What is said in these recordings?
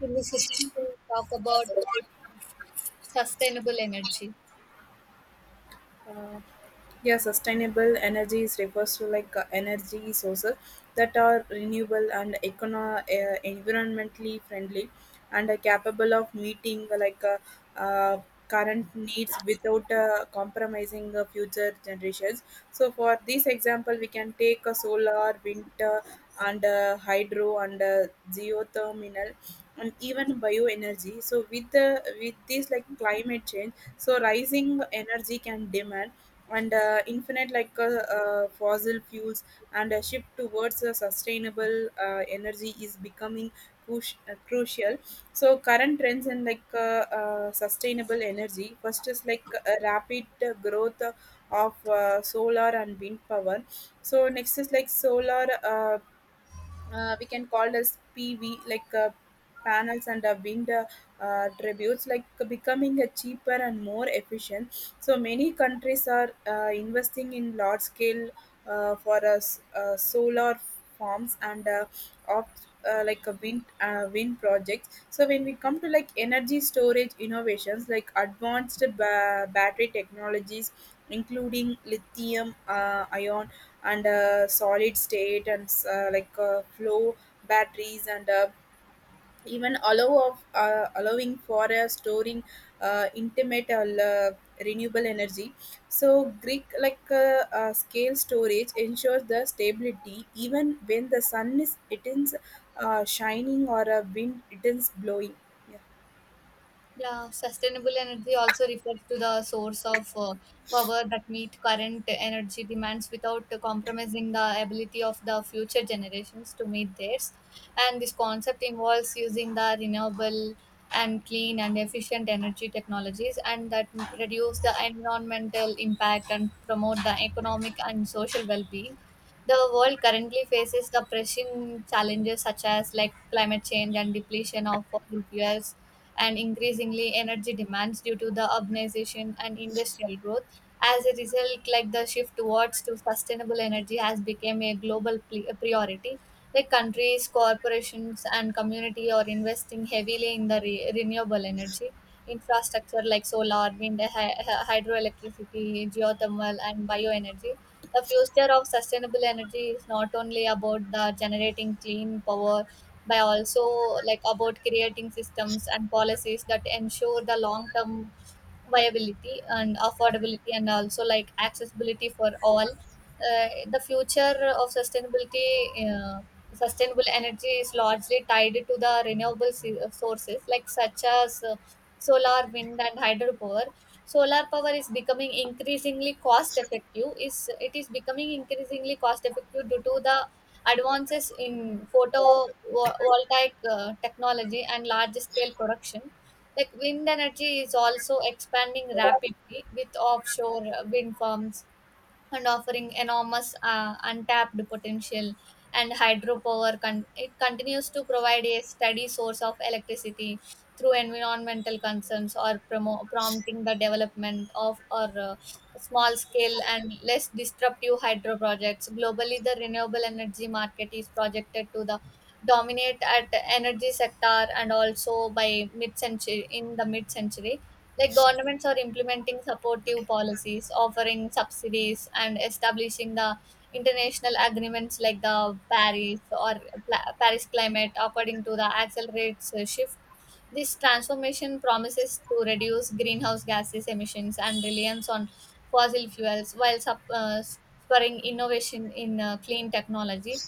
In this session, we'll talk about sustainable energy. uh, yeah, sustainable energies refers to like energy sources that are renewable and environmentally friendly and are capable of meeting uh, current needs without compromising future generations. So for this example we can take a solar, wind, and hydro, and geothermal, and even bioenergy. So with the with this like climate change, so rising energy can demand, and infinite like fossil fuels, and a shift towards a sustainable energy is becoming crucial. So current trends in like sustainable energy, first is like a rapid growth of solar and wind power. So next is like solar, we can call as PV, like panels, and wind tributes like becoming a cheaper and more efficient. So many countries are investing in large scale for us solar farms and off like a wind projects. So when we come to like energy storage innovations like advanced battery technologies including lithium ion and solid state and flow batteries, and even allowing for a storing intimate renewable energy. So greek like scale storage ensures the stability even when the sun is it is shining or a wind it is blowing. Yeah. Yeah, sustainable energy also refers to the source of power that meet current energy demands without compromising the ability of the future generations to meet theirs. And this concept involves using the renewable and clean and efficient energy technologies and that reduce the environmental impact and promote the economic and social well-being. The world currently faces the pressing challenges such as like climate change and depletion of fossil fuels and increasingly energy demands due to the urbanization and industrial growth. As a result, like the shift towards to sustainable energy has become a global priority. Like countries, corporations, and community are investing heavily in the renewable energy infrastructure like solar, wind, hydroelectricity, geothermal, and bioenergy. The future of sustainable energy is not only about the generating clean power, but also like about creating systems and policies that ensure the long-term viability and affordability and also like accessibility for all. The future of sustainability, uh, sustainable energy is largely tied to the renewable sources like such as solar, wind, and hydropower. Solar power is becoming increasingly cost effective is it is becoming increasingly cost effective due to the advances in photovoltaic technology and large scale production. Like wind energy is also expanding rapidly with offshore wind farms and offering enormous untapped potential, and hydropower it continues to provide a steady source of electricity through environmental concerns or prompting the development of or small scale and less disruptive hydro projects. Globally the renewable energy market is projected to the dominate at energy sector and also by mid century in the mid century, like governments are implementing supportive policies, offering subsidies, and establishing the international agreements like the Paris or Paris Climate according to the accelerates shift. This transformation promises to reduce greenhouse gases emissions and reliance on fossil fuels while spurring innovation in clean technology.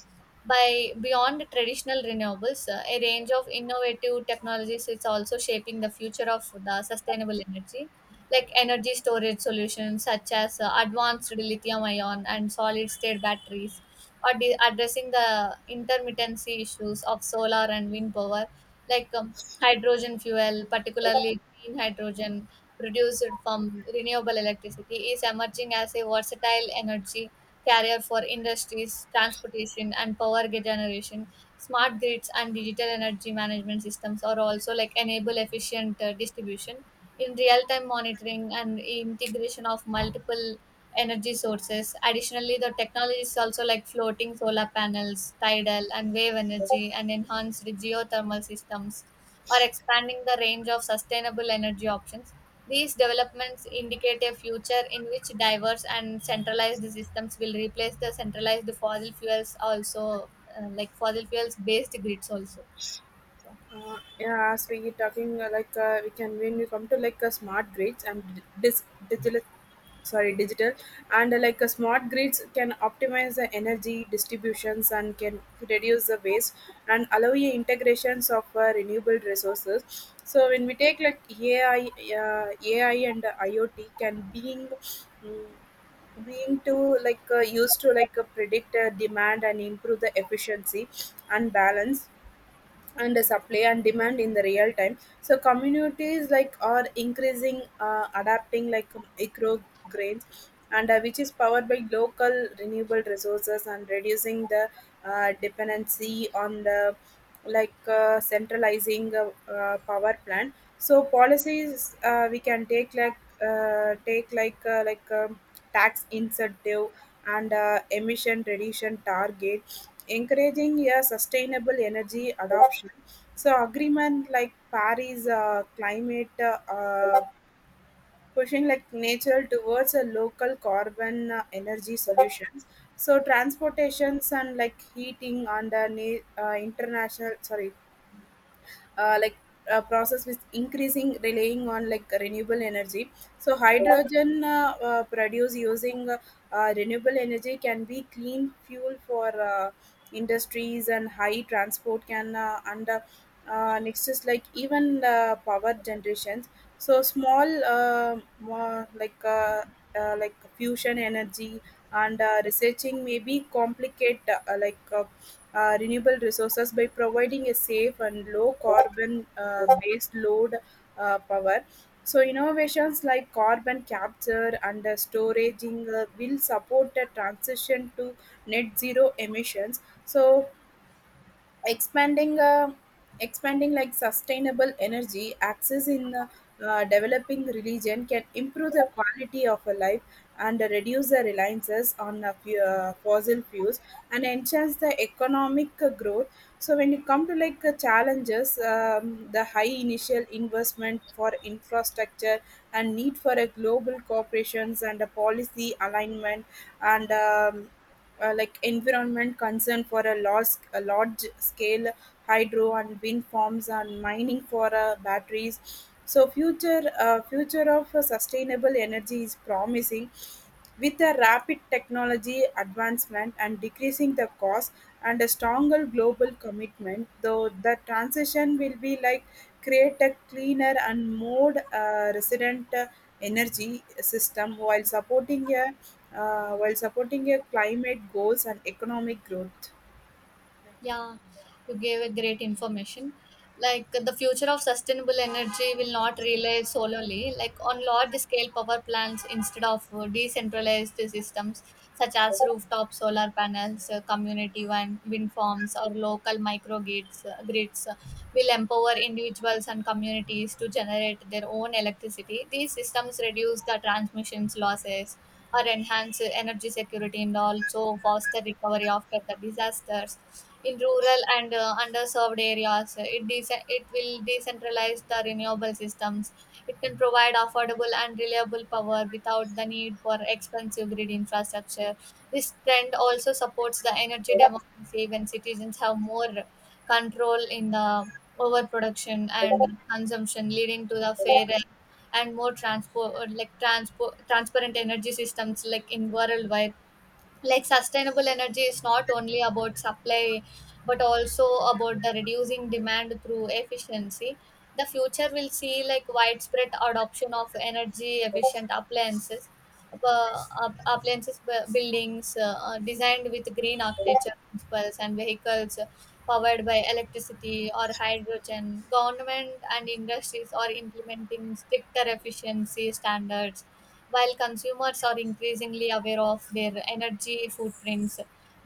By beyond traditional renewables, a range of innovative technologies is also shaping the future of the sustainable energy, like energy storage solutions such as advanced lithium ion and solid state batteries or addressing the intermittency issues of solar and wind power. like um, Hydrogen fuel, particularly green hydrogen produced from renewable electricity, is emerging as a versatile energy carrier for industries, transportation, and power generation. Smart grids and digital energy management systems are also like enable efficient distribution in real-time monitoring and integration of multiple energy sources. Additionally, the technology is also like floating solar panels, tidal and wave energy, and enhanced geothermal systems are expanding the range of sustainable energy options. These developments indicate a future in which diverse and centralized systems will replace the centralized fossil fuels, also like fossil fuels based grids, also. Yeah, as we talking we can, when we come to like smart grids and digital, sorry, digital, and smart grids can optimize the energy distributions and can reduce the waste and allow you integrations of renewable resources. So when we take like AI, AI and IoT can being mm, being to like used to like predict demand and improve the efficiency and balance and the supply and demand in the real time. So communities like are increasing adapting like micro grains, and which is powered by local renewable resources and reducing the dependency on the like centralizing power plant. So policies, we can take like tax incentive and emission reduction target encouraging a sustainable energy adoption. So agreement like Paris climate pushing like nature towards a local carbon energy solutions. So transportations and like heating under international, sorry, uh, like process with increasing relying on like renewable energy. So hydrogen, produced using renewable energy can be clean fuel for industries and high transport can under next is like even power generations. So small more like fusion energy, and researching may be complicate like renewable resources by providing a safe and low carbon based load power. So innovations like carbon capture and storaging will support the transition to net zero emissions. So expanding uh, expanding like sustainable energy access in developing religion can improve the quality of a life and reduce the reliances on fossil fuels and enhance the economic growth. So when you come to like challenges, the high initial investment for infrastructure and need for a global corporations and a policy alignment, and like environment concern for a large scale hydro and wind farms and mining for batteries. So future of sustainable energy is promising with a rapid technology advancement and decreasing the cost and a stronger global commitment, though the transition will be like create a cleaner and more resilient energy system while supporting a climate goals and economic growth. Yeah, you gave a great information. Like the future of sustainable energy will not rely solely like on large scale power plants instead of decentralized systems such as rooftop solar panels, community wind farms or local microgrids grids will empower individuals and communities to generate their own electricity. These systems reduce the transmissions losses or enhance energy security and also foster recovery after the disasters in rural and underserved areas. It will decentralize the renewable systems. It can provide affordable and reliable power without the need for expensive grid infrastructure. This trend also supports the energy democracy when citizens have more control in the overproduction and consumption, leading to the fairer and more transport like transport transparent energy systems like in worldwide. Like sustainable energy is not only about supply but also about the reducing demand through efficiency. The future will see like widespread adoption of energy efficient appliances appliances buildings designed with green architecture principles and vehicles powered by electricity or hydrogen. Government and industries are implementing stricter efficiency standards while consumers are increasingly aware of their energy footprints,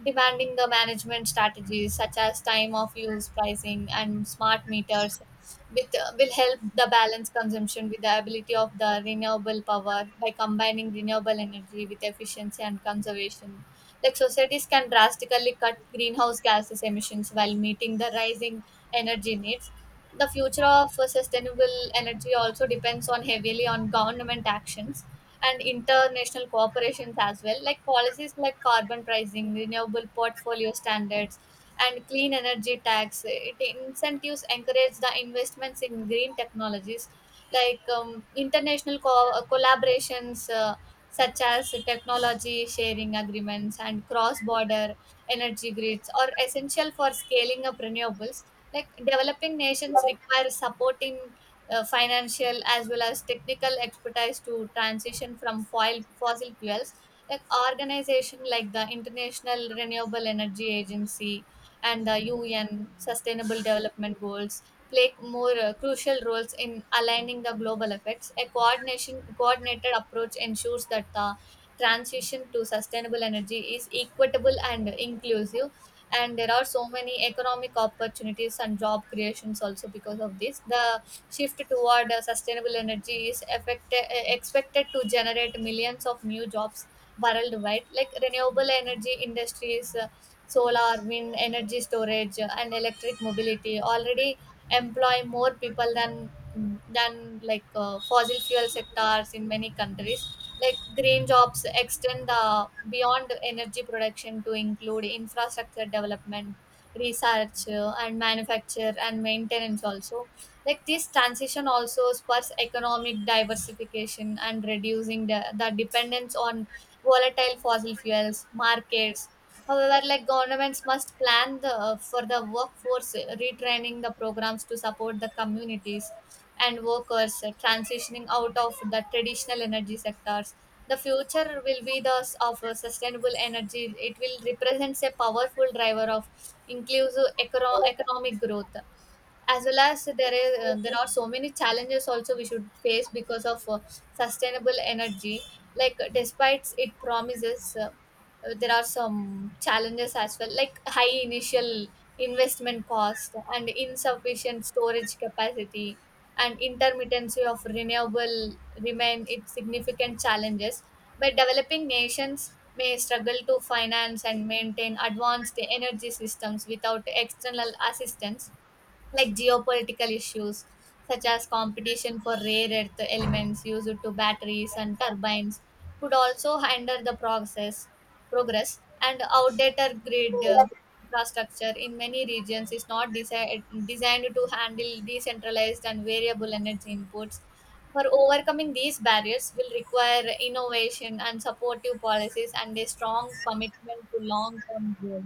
demanding the management strategies such as time of use pricing and smart meters with, will help the balance consumption with the ability of the renewable power. By combining renewable energy with efficiency and conservation, like societies can drastically cut greenhouse gases emissions while meeting the rising energy needs. The future of sustainable energy also depends on heavily on government actions and international cooperations as well, like policies like carbon pricing, renewable portfolio standards, and clean energy tax. It incentives encourage the investments in green technologies. International collaborations such as technology sharing agreements and cross-border energy grids are essential for scaling up renewables. Like developing nations require supporting financial as well as technical expertise to transition from foil fossil fuels. Like organization like the International Renewable Energy Agency and the UN Sustainable Development Goals play more crucial roles in aligning the global effects. A coordination coordinated approach ensures that the transition to sustainable energy is equitable and inclusive. And there are so many economic opportunities and job creations also because of this. The shift toward sustainable energy is expected to generate millions of new jobs worldwide. Like renewable energy industries, solar, wind energy storage, and electric mobility already employ more people than fossil fuel sectors in many countries. Like green jobs extend beyond energy production to include infrastructure development, research and manufacture and maintenance also. Like this transition also spurs economic diversification and reducing the dependence on volatile fossil fuels markets. However, like governments must plan for the workforce, retraining the programs to support the communities and workers transitioning out of the traditional energy sectors. The future will be thus of sustainable energy. It will represents a powerful driver of inclusive economic growth, as well as there are so many challenges also we should face because of sustainable energy. Like despite it promises there are some challenges as well, like high initial investment cost and insufficient storage capacity and intermittency of renewable remain its significant challenges, but developing nations may struggle to finance and maintain advanced energy systems without external assistance. Like geopolitical issues such as competition for rare earth elements used to batteries and turbines could also hinder the process progress, and outdated grid infrastructure in many regions is not designed to handle decentralized and variable energy inputs. For overcoming these barriers will require innovation and supportive policies and a strong commitment to long term goals.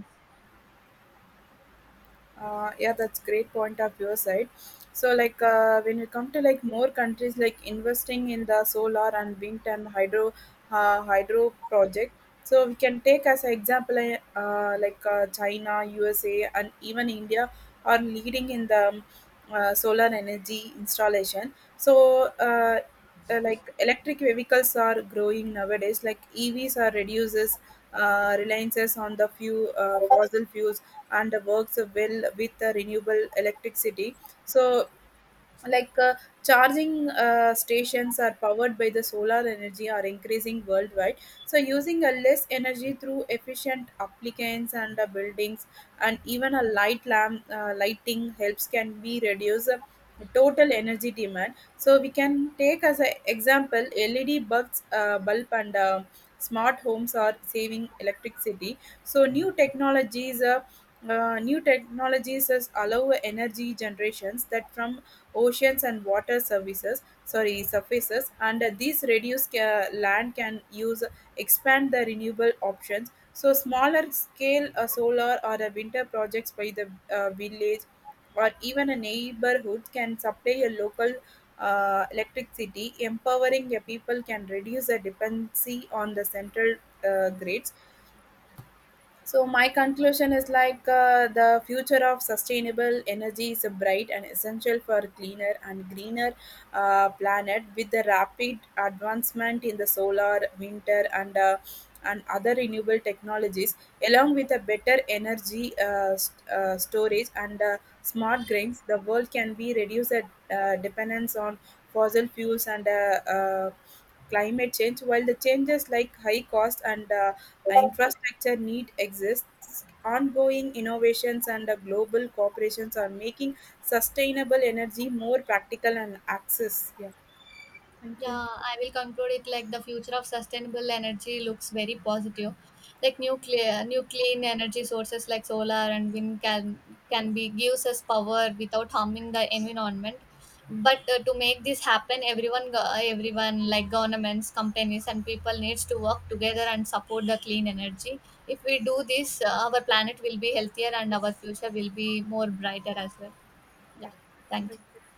Yeah, that's great point of your side. So, like when you come to like more countries, like investing in the solar and wind and hydro project. So we can take as an example, China, USA, and even India are leading in the solar energy installation. So, like electric vehicles are growing nowadays. Like EVs are reduces reliances on the few fossil fuels and works well with the renewable electricity. So like uh, charging stations are powered by the solar energy are increasing worldwide. So using a less energy through efficient applicants and the buildings and even a light lamp lighting helps can be reduce total energy demand. So we can take as an example, LED bulb and smart homes are saving electricity. So new technologies as allow energy generations that from oceans and water services sorry surfaces, and these reduced land can use, expand the renewable options. So smaller scale solar or a winter projects by the village or even a neighborhood can supply a local electricity empowering a people can reduce the dependency on the central grids. So my conclusion is like, the future of sustainable energy is bright and essential for cleaner and greener planet. With the rapid advancement in the solar, winter, and other renewable technologies, along with a better energy storage and smart grids, the world can be reduced dependence on fossil fuels and climate change. While the changes like high cost and infrastructure need exists, ongoing innovations and global corporations are making sustainable energy more practical and access. Yeah, thank Yeah, you. I will conclude it like the future of sustainable energy looks very positive. Like nuclear, new clean energy sources like solar and wind can be gives us power without harming the environment. But to make this happen, everyone, everyone like governments, companies, and people needs to work together and support the clean energy. If we do this, our planet will be healthier and our future will be more brighter as well. Yeah, Yeah, thank thank you. you.